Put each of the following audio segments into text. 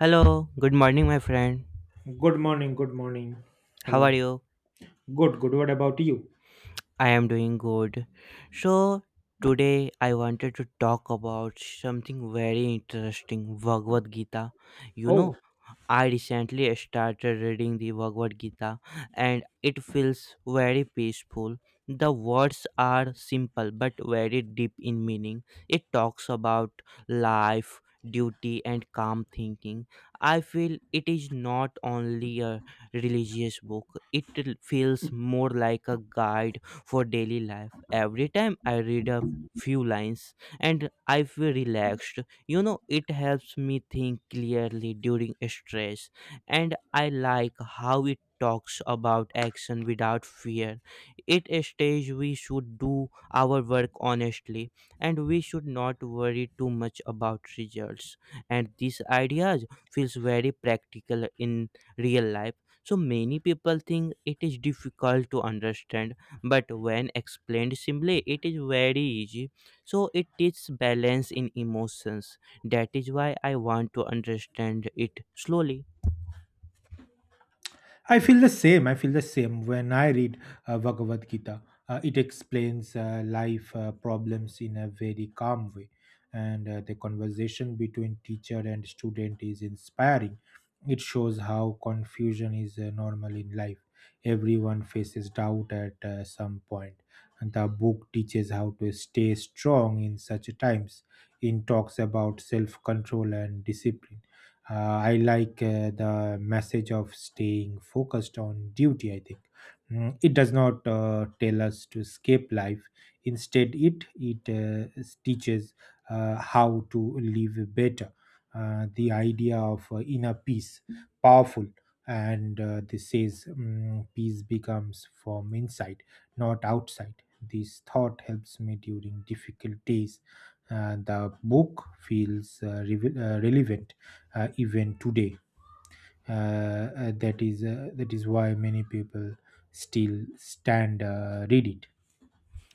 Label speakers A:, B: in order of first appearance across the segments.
A: Hello, good morning, my friend.
B: Good morning, good morning.
A: How are
B: Hello.
A: you?
B: Good, good. What about you?
A: I am doing good. So, today I wanted to talk about something very interesting, Bhagavad Gita. You know,
B: Oh,
A: I recently started reading the Bhagavad Gita and it feels very peaceful. The words are simple but very deep in meaning. It talks about life, duty, and calm thinking. I feel it is not only a religious book, it feels more like a guide for daily life. Every time I read a few lines, and I feel relaxed, it helps me think clearly during stress. And I like how it talks about action without fear. It states we should do our work honestly, and we should not worry too much about results. And these ideas feels very practical in real life. So many people think it is difficult to understand, but when explained simply, it is very easy. So it teaches balance in emotions. That is why I want to understand it slowly.
B: I feel the same. I feel the same when I read Bhagavad Gita. It explains life problems in a very calm way, and the conversation between teacher and student is inspiring. It shows how confusion is normal in life. Everyone faces doubt at some point, and the book teaches how to stay strong in such times. It talks about self control and discipline. uh, I like the message of staying focused on duty, I think. It does not tell us to escape life. Instead, it teaches how to live better. The idea of inner peace, powerful, and this says peace becomes from inside, not outside. This thought helps me during difficult days. The book feels relevant even today. That is why many people still stand read it.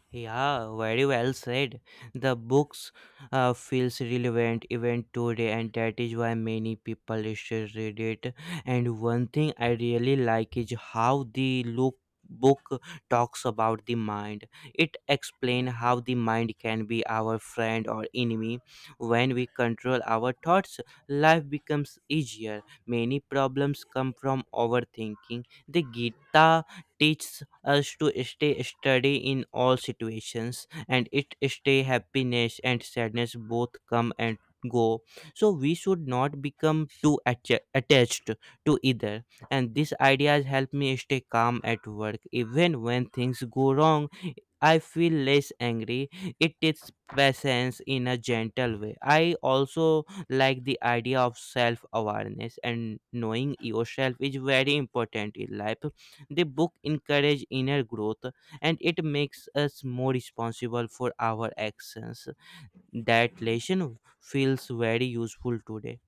A: Yeah, very well said. The books feels relevant even today, and that is why many people still read it. And one thing I really like is how the look book talks about the mind. It explains how the mind can be our friend or enemy. When we control our thoughts, life becomes easier. Many problems come from overthinking. The Gita teaches us to stay steady in all situations, and it stay happiness and sadness both come and go. So we should not become too attached to either. And these ideas help me stay calm at work even when things go wrong. I feel less angry. It takes patience in a gentle way. I also like the idea of self awareness, and knowing yourself is very important in life. The book encourages inner growth, and it makes us more responsible for our actions. That lesson feels very useful today.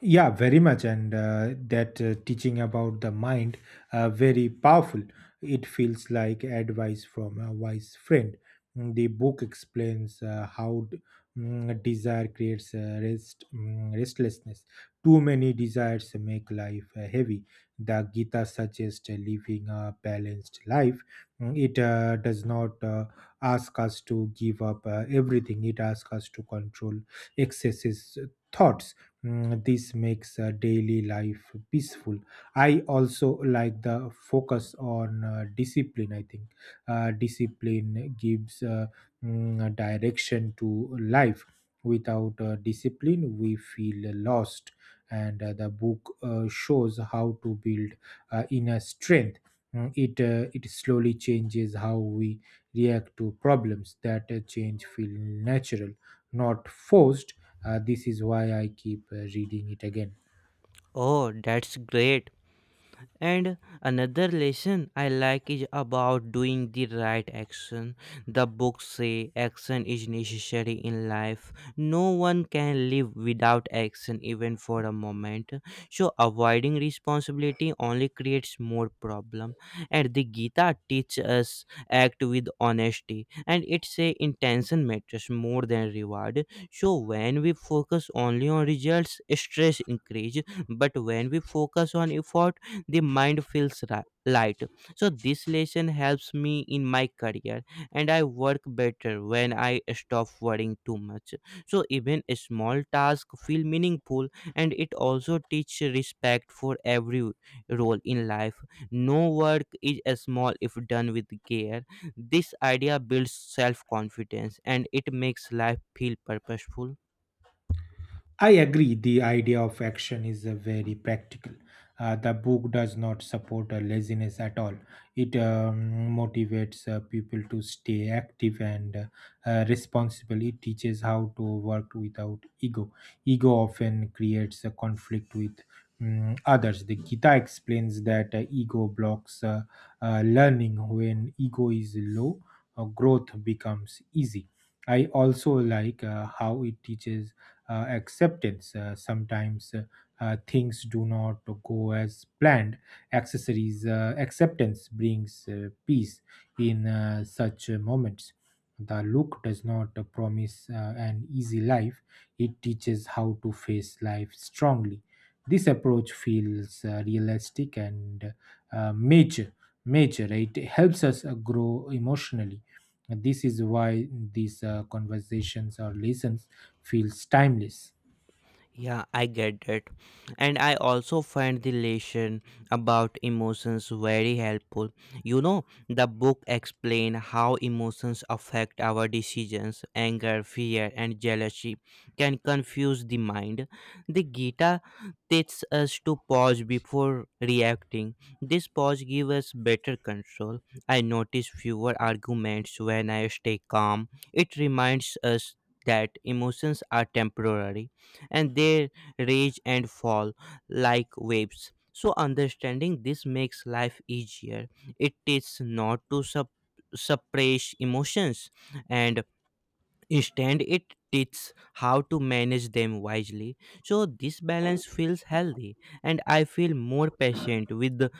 B: Yeah, very much. And that teaching about the mind, very powerful. It feels like advice from a wise friend. The book explains how desire creates restlessness. Too many desires make life heavy. The Gita suggests living a balanced life. It does not ask us to give up everything. It asks us to control excesses, thoughts. This makes daily life peaceful. I also like the focus on discipline, I think. Discipline gives a direction to life. Without discipline we feel lost, and the book shows how to build inner strength. It slowly changes how we react to problems. That change feel natural, not forced. This is why I keep reading it again.
A: Oh, that's great. And another lesson I like is about doing the right action. The books say action is necessary in life. No one can live without action even for a moment. So avoiding responsibility only creates more problem. And the Gita teaches us act with honesty, and it say intention matters more than reward. So when we focus only on results, stress increase. But when we focus on effort, the mind feels light. So this lesson helps me in my career, and I work better when I stop worrying too much. So even a small task feel meaningful, and it also teach respect for every role in life. No work is as small if done with care. This idea builds self confidence, and it makes life feel purposeful.
B: I agree. The idea of action is very practical. The book does not support laziness at all. It motivates people to stay active and responsible. It teaches how to work without ego. Ego often creates a conflict with others. The Gita explains that ego blocks learning. When ego is low, growth becomes easy. I also like how it teaches acceptance. Sometimes things do not go as planned. Accessories acceptance brings peace in such moments. The look does not promise an easy life. It teaches how to face life strongly. This approach feels realistic and major. Major, right? It helps us grow emotionally. This is why these conversations or lessons feels timeless.
A: Yeah, I get that. And I also find the lesson about emotions very helpful. You know, the book explain how emotions affect our decisions. Anger, fear, and jealousy can confuse the mind. The Gita teaches us to pause before reacting. This pause gives us better control. I notice fewer arguments when I stay calm. It reminds us that emotions are temporary and they rage and fall like waves. So, understanding this makes life easier. It teaches not to suppress emotions, and instead, it teaches how to manage them wisely. So, this balance feels healthy, and I feel more patient with the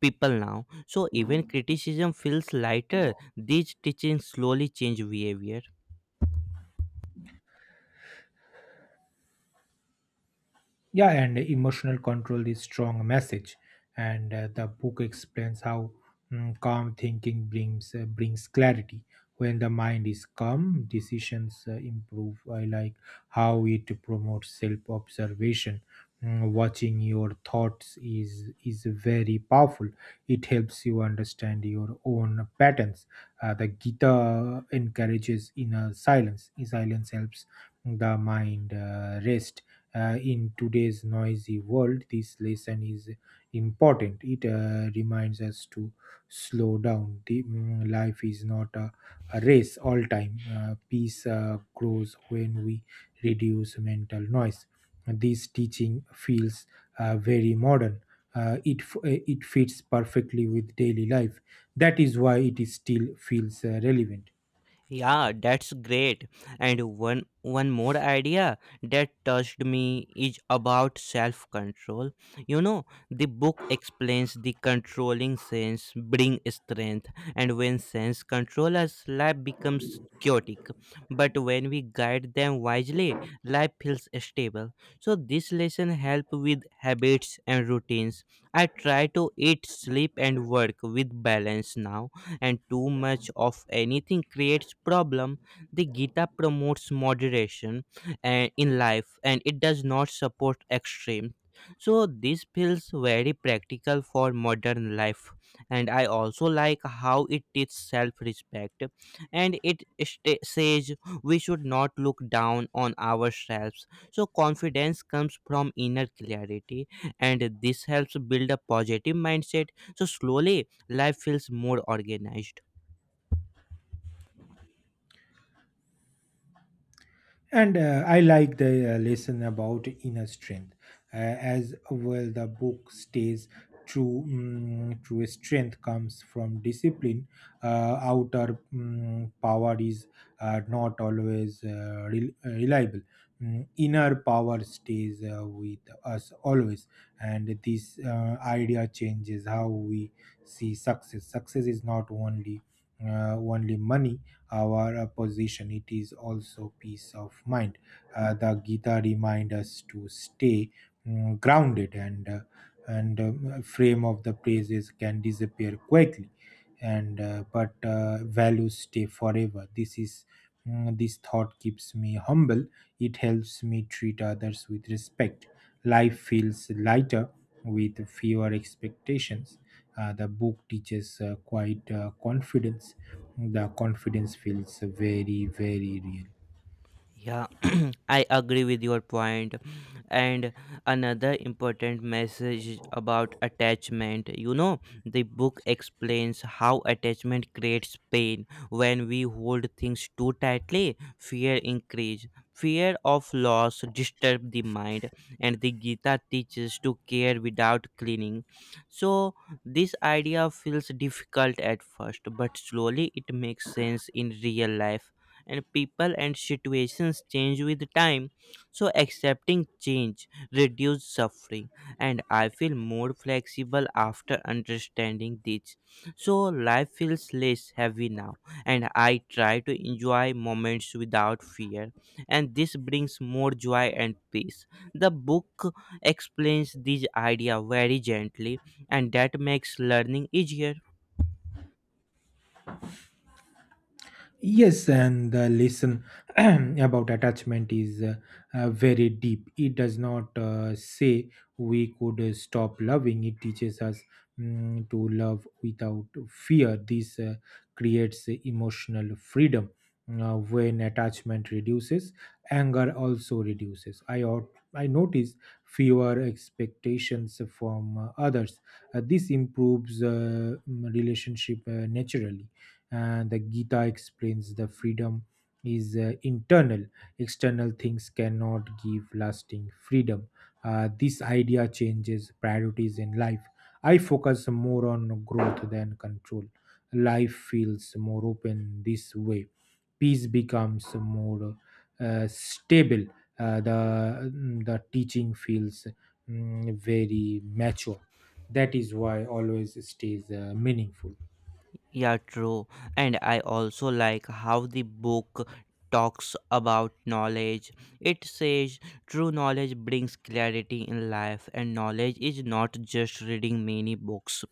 A: people now. So, even criticism feels lighter. These teachings slowly change behavior.
B: Yeah, and emotional control is strong message, and the book explains how calm thinking brings clarity. When the mind is calm, decisions improve. I like how it promotes self observation. Watching your thoughts is very powerful. It helps you understand your own patterns. The Gita encourages inner silence. Silence helps the mind rest. In today's noisy world, this lesson is important. It reminds us to slow down. Life is not a race all time. Peace grows when we reduce mental noise. This teaching feels very modern. It fits perfectly with daily life. That is why it is still feels relevant.
A: Yeah, that's great. And one more idea that touched me is about self-control. You know, the book explains the controlling sense bring strength, and when sense controllers, life becomes chaotic. But when we guide them wisely, life feels stable. So this lesson help with habits and routines. I try to eat, sleep, and work with balance now, and too much of anything creates problem. The Gita promotes moderation and in life, and it does not support extreme. So this feels very practical for modern life. And I also like how it teaches self-respect, and it sta says we should not look down on ourselves. So confidence comes from inner clarity, and this helps build a positive mindset. So slowly life feels more organized.
B: And I like the lesson about inner strength, as well. The book stays true. True strength comes from discipline. Outer power is not always reliable. Inner power stays with us always, and this idea changes how we see success. Success is not only money; our position. It is also peace of mind. The Gita remind us to stay grounded, and frame of the praises can disappear quickly, and but values stay forever. This is. This thought keeps me humble. It helps me treat others with respect. Life feels lighter with fewer expectations. The book teaches quite confidence. The confidence feels very, very real.
A: Yeah, I agree with your point. And another important message is about attachment. You know, the book explains how attachment creates pain. When we hold things too tightly, fear increase. Fear of loss disturb the mind, and the Gita teaches to care without clinging. So this idea feels difficult at first, but slowly it makes sense in real life. And people and situations change with time, so accepting change reduces suffering. And I feel more flexible after understanding this. So life feels less heavy now, and I try to enjoy moments without fear. And this brings more joy and peace. The book explains this idea very gently, and that makes learning easier.
B: Yes, and the lesson about attachment is very deep. It does not say we could stop loving, it teaches us to love without fear. This creates emotional freedom. When attachment reduces, anger also reduces. I notice fewer expectations from others. This improves relationship naturally, and the Gita explains the freedom is internal. External things cannot give lasting freedom. This idea changes priorities in life. I focus more on growth than control. Life feels more open this way. Peace becomes more stable. The teaching feels very mature. That is why always stays meaningful.
A: Yeah, true. And I also like how the book talks about knowledge. It says true knowledge brings clarity in life, and knowledge is not just reading many books,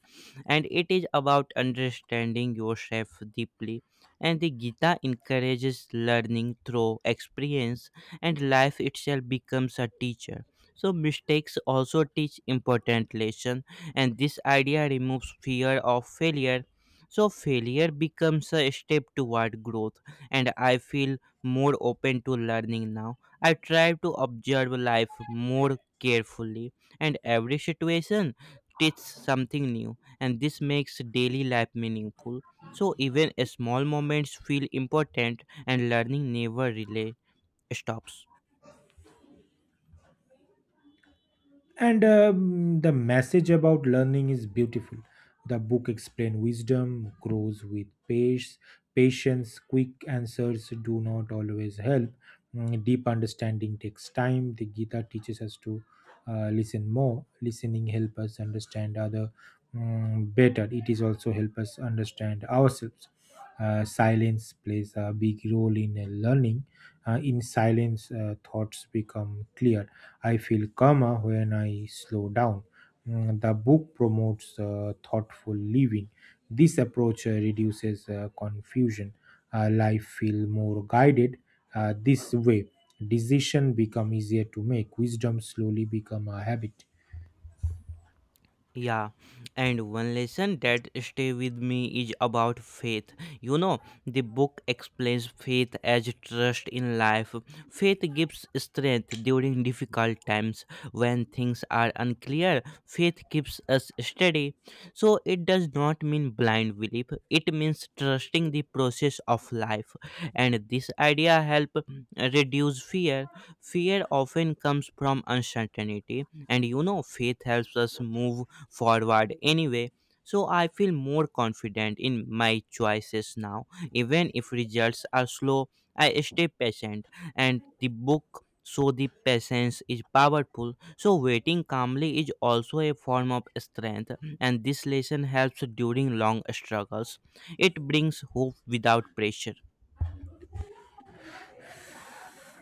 A: and it is about understanding yourself deeply. And the Gita encourages learning through experience, and life itself becomes a teacher. So, mistakes also teach important lesson, and this idea removes fear of failure. So failure becomes a step toward growth, and I feel more open to learning now. I try to observe life more carefully, and every situation teaches something new, and this makes daily life meaningful. So even small moments feel important, and learning never really stops.
B: And The message about learning is beautiful. The book explains wisdom grows with pace, patience. Quick answers do not always help. Deep understanding takes time. The Gita teaches us to listen more. Listening help us understand other better. It is also help us understand ourselves. Silence plays a big role in learning. In silence, thoughts become clear. I feel calmer when I slow down. The book promotes thoughtful living. This approach reduces confusion. Life feel more guided this way. Decision become easier to make. Wisdom slowly become a habit.
A: Yeah, and one lesson that stay with me is about faith. You know, the book explains faith as trust in life. Faith gives strength during difficult times when things are unclear. Faith keeps us steady. So it does not mean blind belief. It means trusting the process of life. And this idea help reduce fear. Fear often comes from uncertainty, and you know, faith helps us move forward anyway. So I feel more confident in my choices now. Even if results are slow, I stay patient. And the book, so the patience is powerful. So waiting calmly is also a form of strength, and this lesson helps during long struggles. It brings hope without pressure.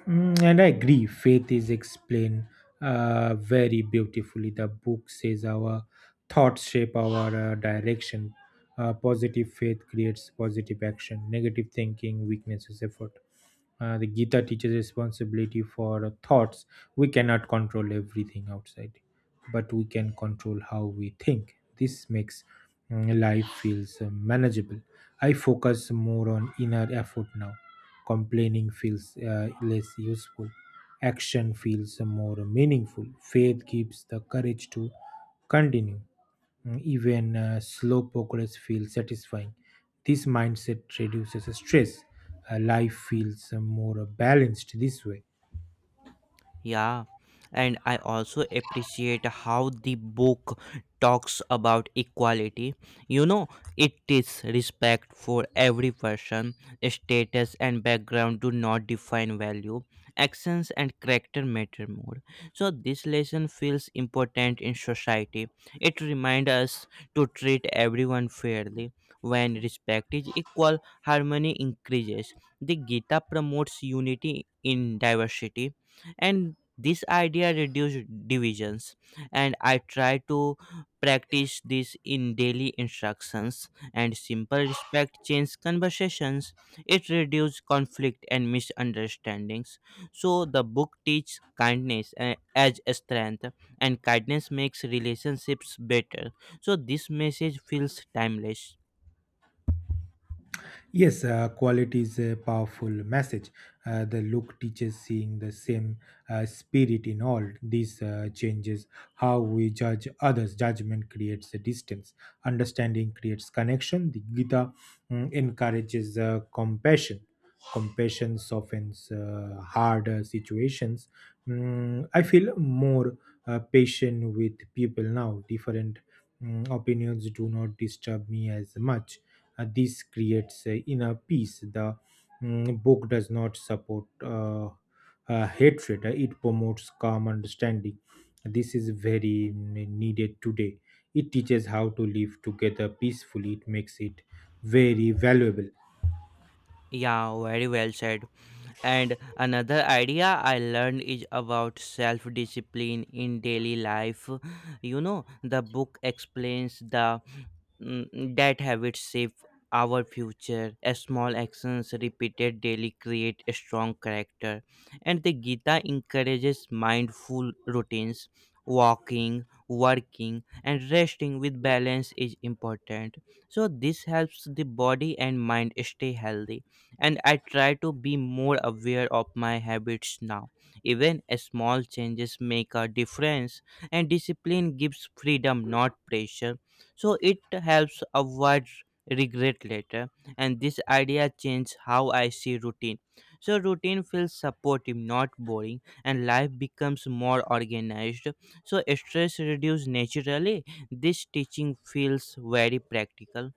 B: And I agree, faith is explained very beautifully. The book says our thoughts shape our direction. Positive faith creates positive action, negative thinking weaknesses effort. The Gita teaches responsibility for thoughts. We cannot control everything outside, but we can control how we think. This makes life feels manageable. I focus more on inner effort now. Complaining feels less useful. Action feels more meaningful. Faith gives the courage to continue. Even slow progress feels satisfying. This mindset reduces stress. Life feels more balanced this way.
A: Yeah, and I also appreciate how the book talks about equality. You know, it is respect for every person, status and background do not define value, actions and character matter more. So, this lesson feels important in society. It reminds us to treat everyone fairly. When respect is equal, harmony increases. The Gita promotes unity in diversity, and this idea reduced divisions. And I try to practice this in daily instructions, and simple respect change conversations. It reduces conflict and misunderstandings. So the book teaches kindness as a strength, and kindness makes relationships better. So this message feels timeless.
B: Yes, quality is a powerful message. The look teaches seeing the same spirit in all. This changes how we judge others. Judgment creates a distance, understanding creates connection. The Gita encourages compassion. Compassion softens harder situations. I feel more patient with people now. Different opinions do not disturb me as much. This creates inner peace. The mm, book does not support hatred. It promotes calm understanding. This is very needed today. It teaches how to live together peacefully, it makes it very valuable.
A: Yeah, very well said. And another idea I learned is about self discipline in daily life. You know, the book explains the that habits shape our future. As small actions repeated daily create a strong character. And the Gita encourages mindful routines. Walking, working, and resting with balance is important. So, this helps the body and mind stay healthy, and I try to be more aware of my habits now. Even small changes make a difference, and discipline gives freedom, not pressure. So it helps avoid regret later, and this idea changed how I see routine. So routine feels supportive, not boring, and life becomes more organized. So stress reduces naturally. This teaching feels very practical.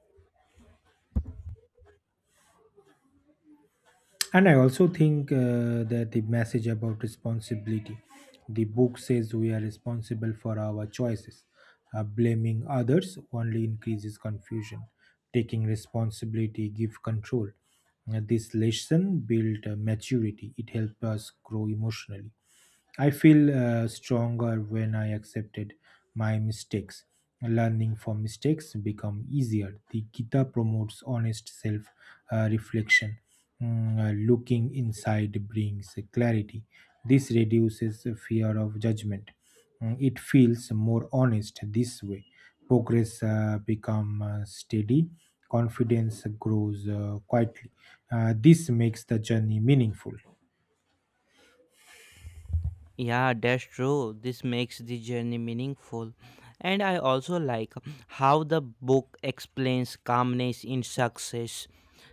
B: And I also think that the message about responsibility, the book says we are responsible for our choices. Blaming others only increases confusion. Taking responsibility gives control. This lesson built maturity. It helps us grow emotionally. I feel stronger when I accepted my mistakes. Learning from mistakes become easier. The Gita promotes honest self reflection. Looking inside brings clarity. This reduces fear of judgment. It feels more honest this way. Progress become steady. Confidence grows quietly. This makes the journey meaningful.
A: Yeah, that's true. This makes the journey meaningful. And I also like how the book explains calmness in success.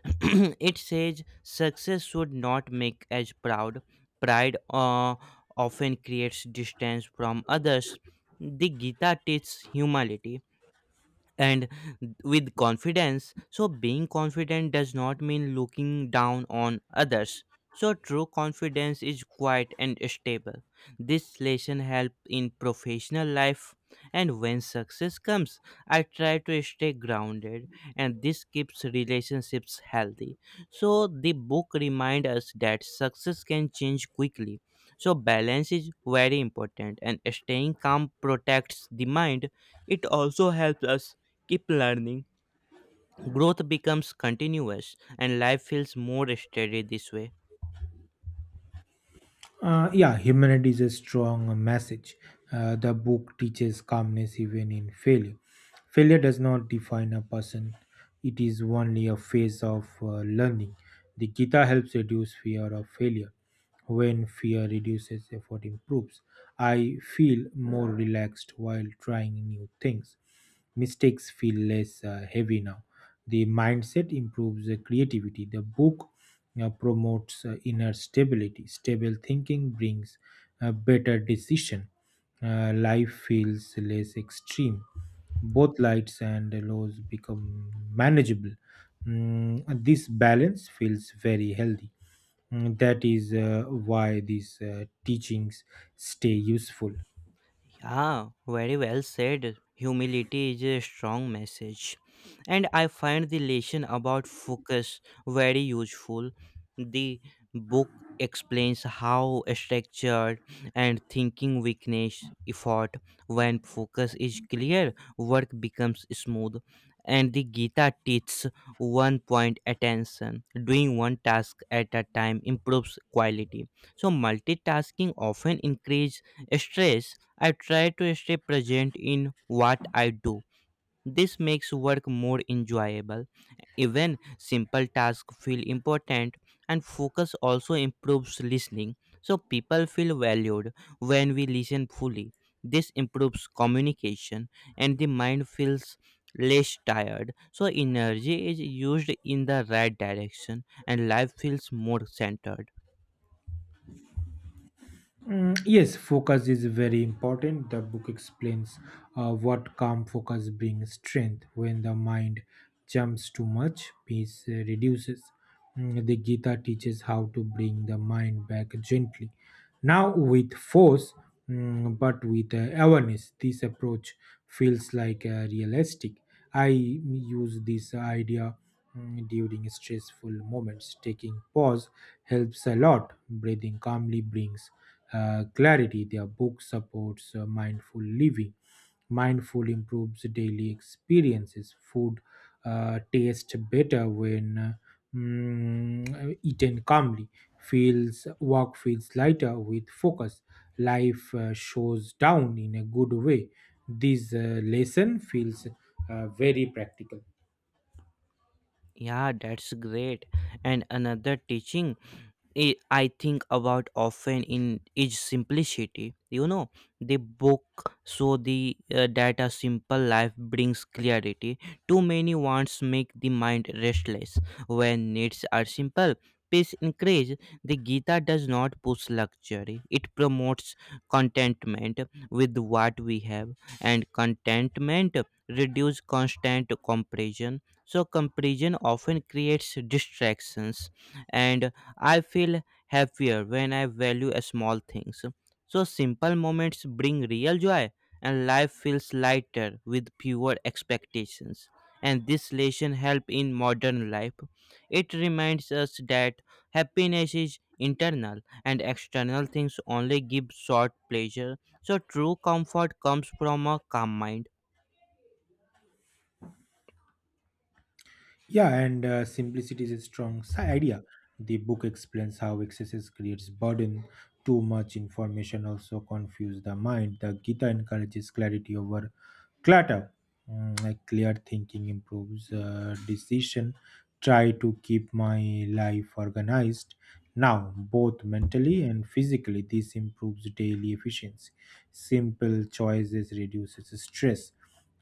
A: It says success should not make us proud. Pride often creates distance from others. The Gita teaches humility and with confidence. So, being confident does not mean looking down on others. So, true confidence is quiet and stable. This lesson help in professional life, and when success comes, I try to stay grounded, and this keeps relationships healthy. So, the book remind us that success can change quickly. So, balance is very important, and staying calm protects the mind. It also helps us keep learning. Growth becomes continuous, and life feels more steady this way.
B: Yeah, humanity is a strong message. The book teaches calmness even in failure. Failure does not define a person, it is only a phase of learning. The Gita helps reduce fear of failure. When fear reduces, effort improves. I feel more relaxed while trying new things. Mistakes feel less heavy now. The mindset improves the creativity. The book promotes inner stability. Stable thinking brings a better decision. Life feels less extreme. Both lights and lows become manageable. This balance feels very healthy. That is why these teachings stay useful.
A: Yeah, very well said. Humility is a strong message. And I find the lesson about focus very useful. The book explains how structured and thinking weakness effort. When focus is clear, work becomes smooth. And the Gita teaches one point attention. Doing one task at a time improves quality. So multitasking often increases stress. I try to stay present in what I do. This makes work more enjoyable. Even simple tasks feel important, and focus also improves listening. So, people feel valued when we listen fully. This improves communication, and the mind feels less tired. So, energy is used in the right direction, and life feels more centered.
B: Yes, focus is very important. The book explains what calm focus brings strength. When the mind jumps too much, peace reduces. The Gita teaches how to bring the mind back gently, now with force, but with awareness. This approach feels like realistic. I use this idea during stressful moments. Taking pause helps a lot. Breathing calmly brings clarity. Their book supports mindful living. Mindful improves daily experiences. Food tastes better when eaten calmly. Feels work feels lighter with focus. Life shows down in a good way. This lesson feels very practical.
A: Yeah, that's great. And another teaching I think about often in its simplicity. You know, the book so the that a simple life brings clarity. Too many wants make the mind restless. When needs are simple, peace increase. The Gita does not push luxury. It promotes contentment with what we have, and contentment reduces constant comparison. So comparison often creates distractions, and I feel happier when I value a small things. So simple moments bring real joy and life feels lighter with fewer expectations. And this lesson help in modern life. It reminds us that happiness is internal and external things only give short pleasure. So true comfort comes from a calm mind.
B: Yeah, and simplicity is a strong idea. The book explains how excesses creates burden. Too much information also confuses the mind. The Gita encourages clarity over clutter. Like clear thinking improves decision. Try to keep my life organized now, both mentally and physically. This improves daily efficiency. Simple choices reduces stress.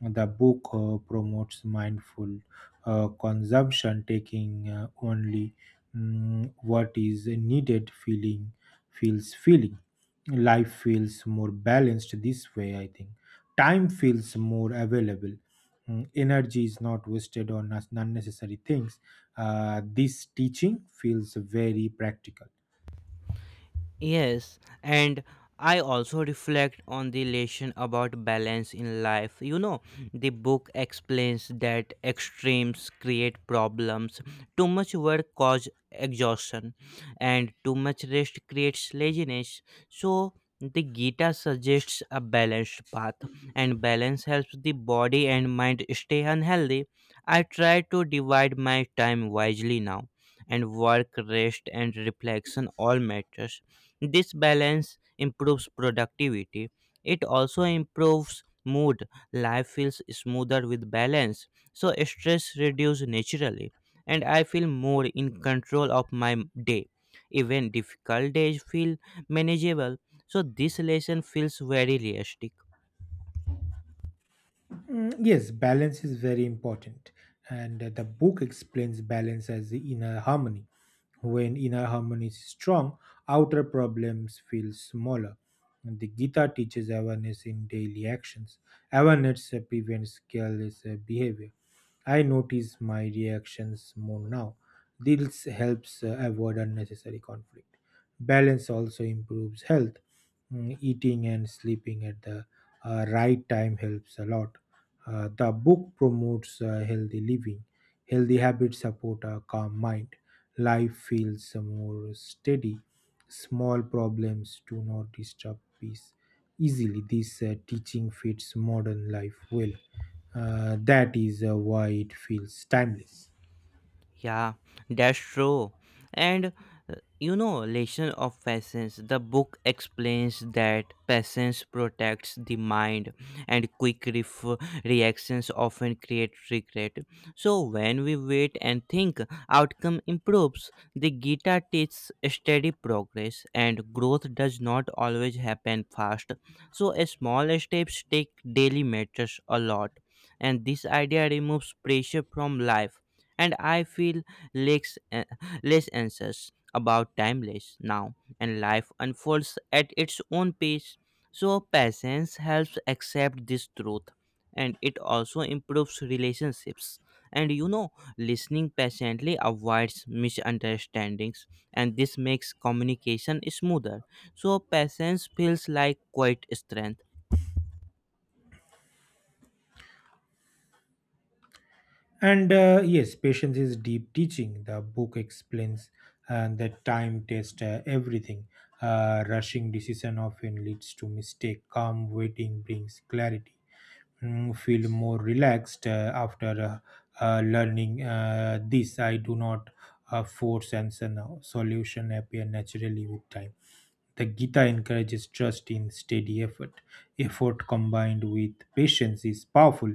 B: The book promotes mindful consumption, taking only what is needed. Feeling feels feeling. Life feels more balanced this way. I think time feels more available. Energy is not wasted on unnecessary things. This teaching feels very practical.
A: Yes, and I also reflect on the lesson about balance in life. You know, the book explains that extremes create problems. Too much work causes exhaustion, and too much rest creates laziness. So, the Gita suggests a balanced path, and balance helps the body and mind stay unhealthy. I try to divide my time wisely now, and work, rest, and reflection all matters this balance improves productivity. It also improves mood. Life feels smoother with balance. So stress reduces naturally and I feel more in control of my day. Even difficult days feel manageable. So this lesson feels very realistic.
B: Yes, balance is very important. And the book explains balance as the inner harmony. When inner harmony is strong, outer problems feel smaller. And the Gita teaches awareness in daily actions. Awareness prevents careless behavior. I notice my reactions more now. This helps avoid unnecessary conflict. Balance also improves health. Eating and sleeping at the right time helps a lot. The book promotes healthy living. Healthy habits support a calm mind. Life feels more steady. Small problems do not disturb peace easily. This teaching fits modern life well. That is why it feels timeless.
A: Yeah, that's true. And you know, lesson of patience. The book explains that patience protects the mind, and reactions often create regret. So when we wait and think, outcome improves. The Gita teaches steady progress, and growth does not always happen fast. So a small steps take daily matters a lot, and this idea removes pressure from life and I feel less, eh, less anxious about timeless now, and life unfolds at its own pace. So, patience helps accept this truth, and it also improves relationships. And you know, listening patiently avoids misunderstandings, and this makes communication smoother. So, patience feels like quite strength.
B: And yes, patience is deep teaching. The book explains that time tests everything. Rushing decision often leads to mistake. Calm waiting brings clarity. Feel more relaxed after learning this. I do not force answer now. Solution appear naturally with time. The Gita encourages trust in steady effort. Effort combined with patience is powerful,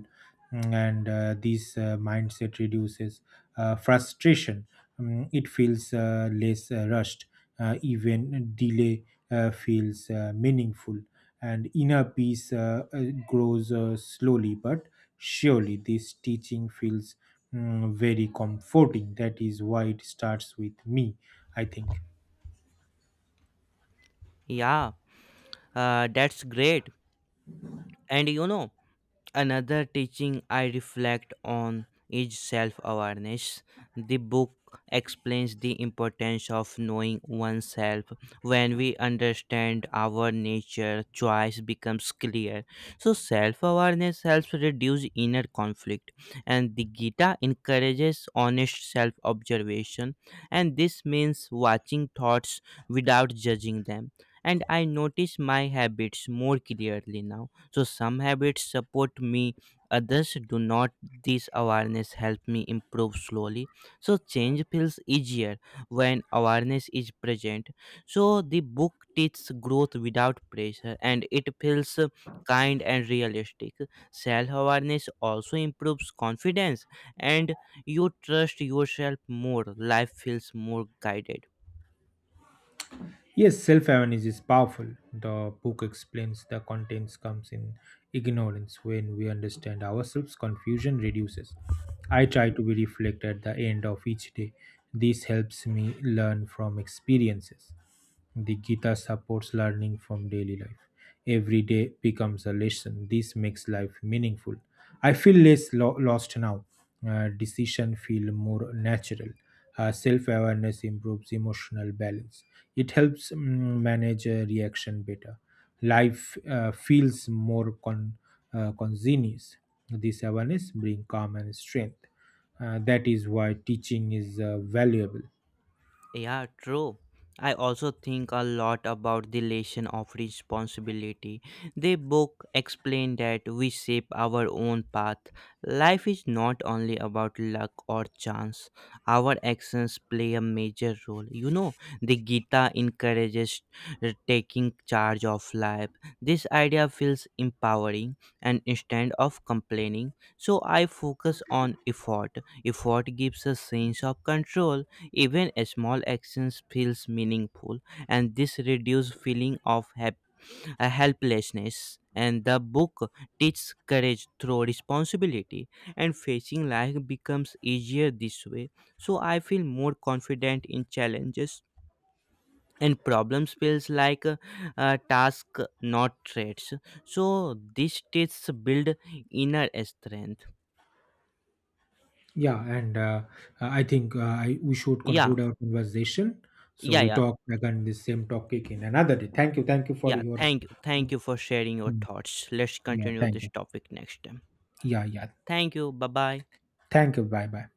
B: and this mindset reduces frustration. It feels less rushed. Even delay feels meaningful, and inner peace grows slowly but surely. This teaching feels very comforting. That is why it starts with me, I think.
A: Yeah, that's great. And you know, another teaching I reflect on is self awareness. The book explains the importance of knowing oneself. When we understand our nature, choice becomes clear. So, self awareness helps reduce inner conflict, and the Gita encourages honest self observation, and this means watching thoughts without judging them. And I notice my habits more clearly now so some habits support me, others do not. This awareness help me improve slowly. So change feels easier when awareness is present. So the book teaches growth without pressure and it feels kind and realistic. Self awareness also improves confidence and you trust yourself more. Life feels more guided.
B: Yes, self awareness is powerful. The book explains the contents comes in ignorance. When we understand ourselves, confusion reduces. I try to be reflect at the end of each day. This helps me learn from experiences. The Gita supports learning from daily life. Every day becomes a lesson. This makes life meaningful. I feel less lost now. Decision feel more natural. Self-awareness improves emotional balance. It helps manage a reaction better. Life feels more congenious. This awareness bring calm and strength. That is why teaching is valuable.
A: Yeah, true. I also think a lot about the lesson of responsibility. The book explained that we shape our own path. Life is not only about luck or chance. Our actions play a major role. You know, the Gita encourages taking charge of life. This idea feels empowering and instead of complaining. So I focus on effort. Effort gives a sense of control even a small actions feels meaningful, and this reduces helplessness. And the book teaches courage through responsibility, and facing life becomes easier this way. So I feel more confident in challenges and problems feels like a task, not threats. So this tests build inner strength.
B: Yeah, and I think I, we should
A: Yeah,
B: conclude our conversation. So
A: yeah,
B: we
A: yeah.
B: talk again the same topic in another day. Thank you for
A: Yeah,
B: your.
A: thank you. Thank you for sharing your
B: Hmm.
A: thoughts. Let's
B: Yeah,
A: continue
B: thank
A: this
B: you.
A: topic next time.
B: Yeah, yeah.
A: Thank you. Bye bye.
B: Thank you. Bye, bye.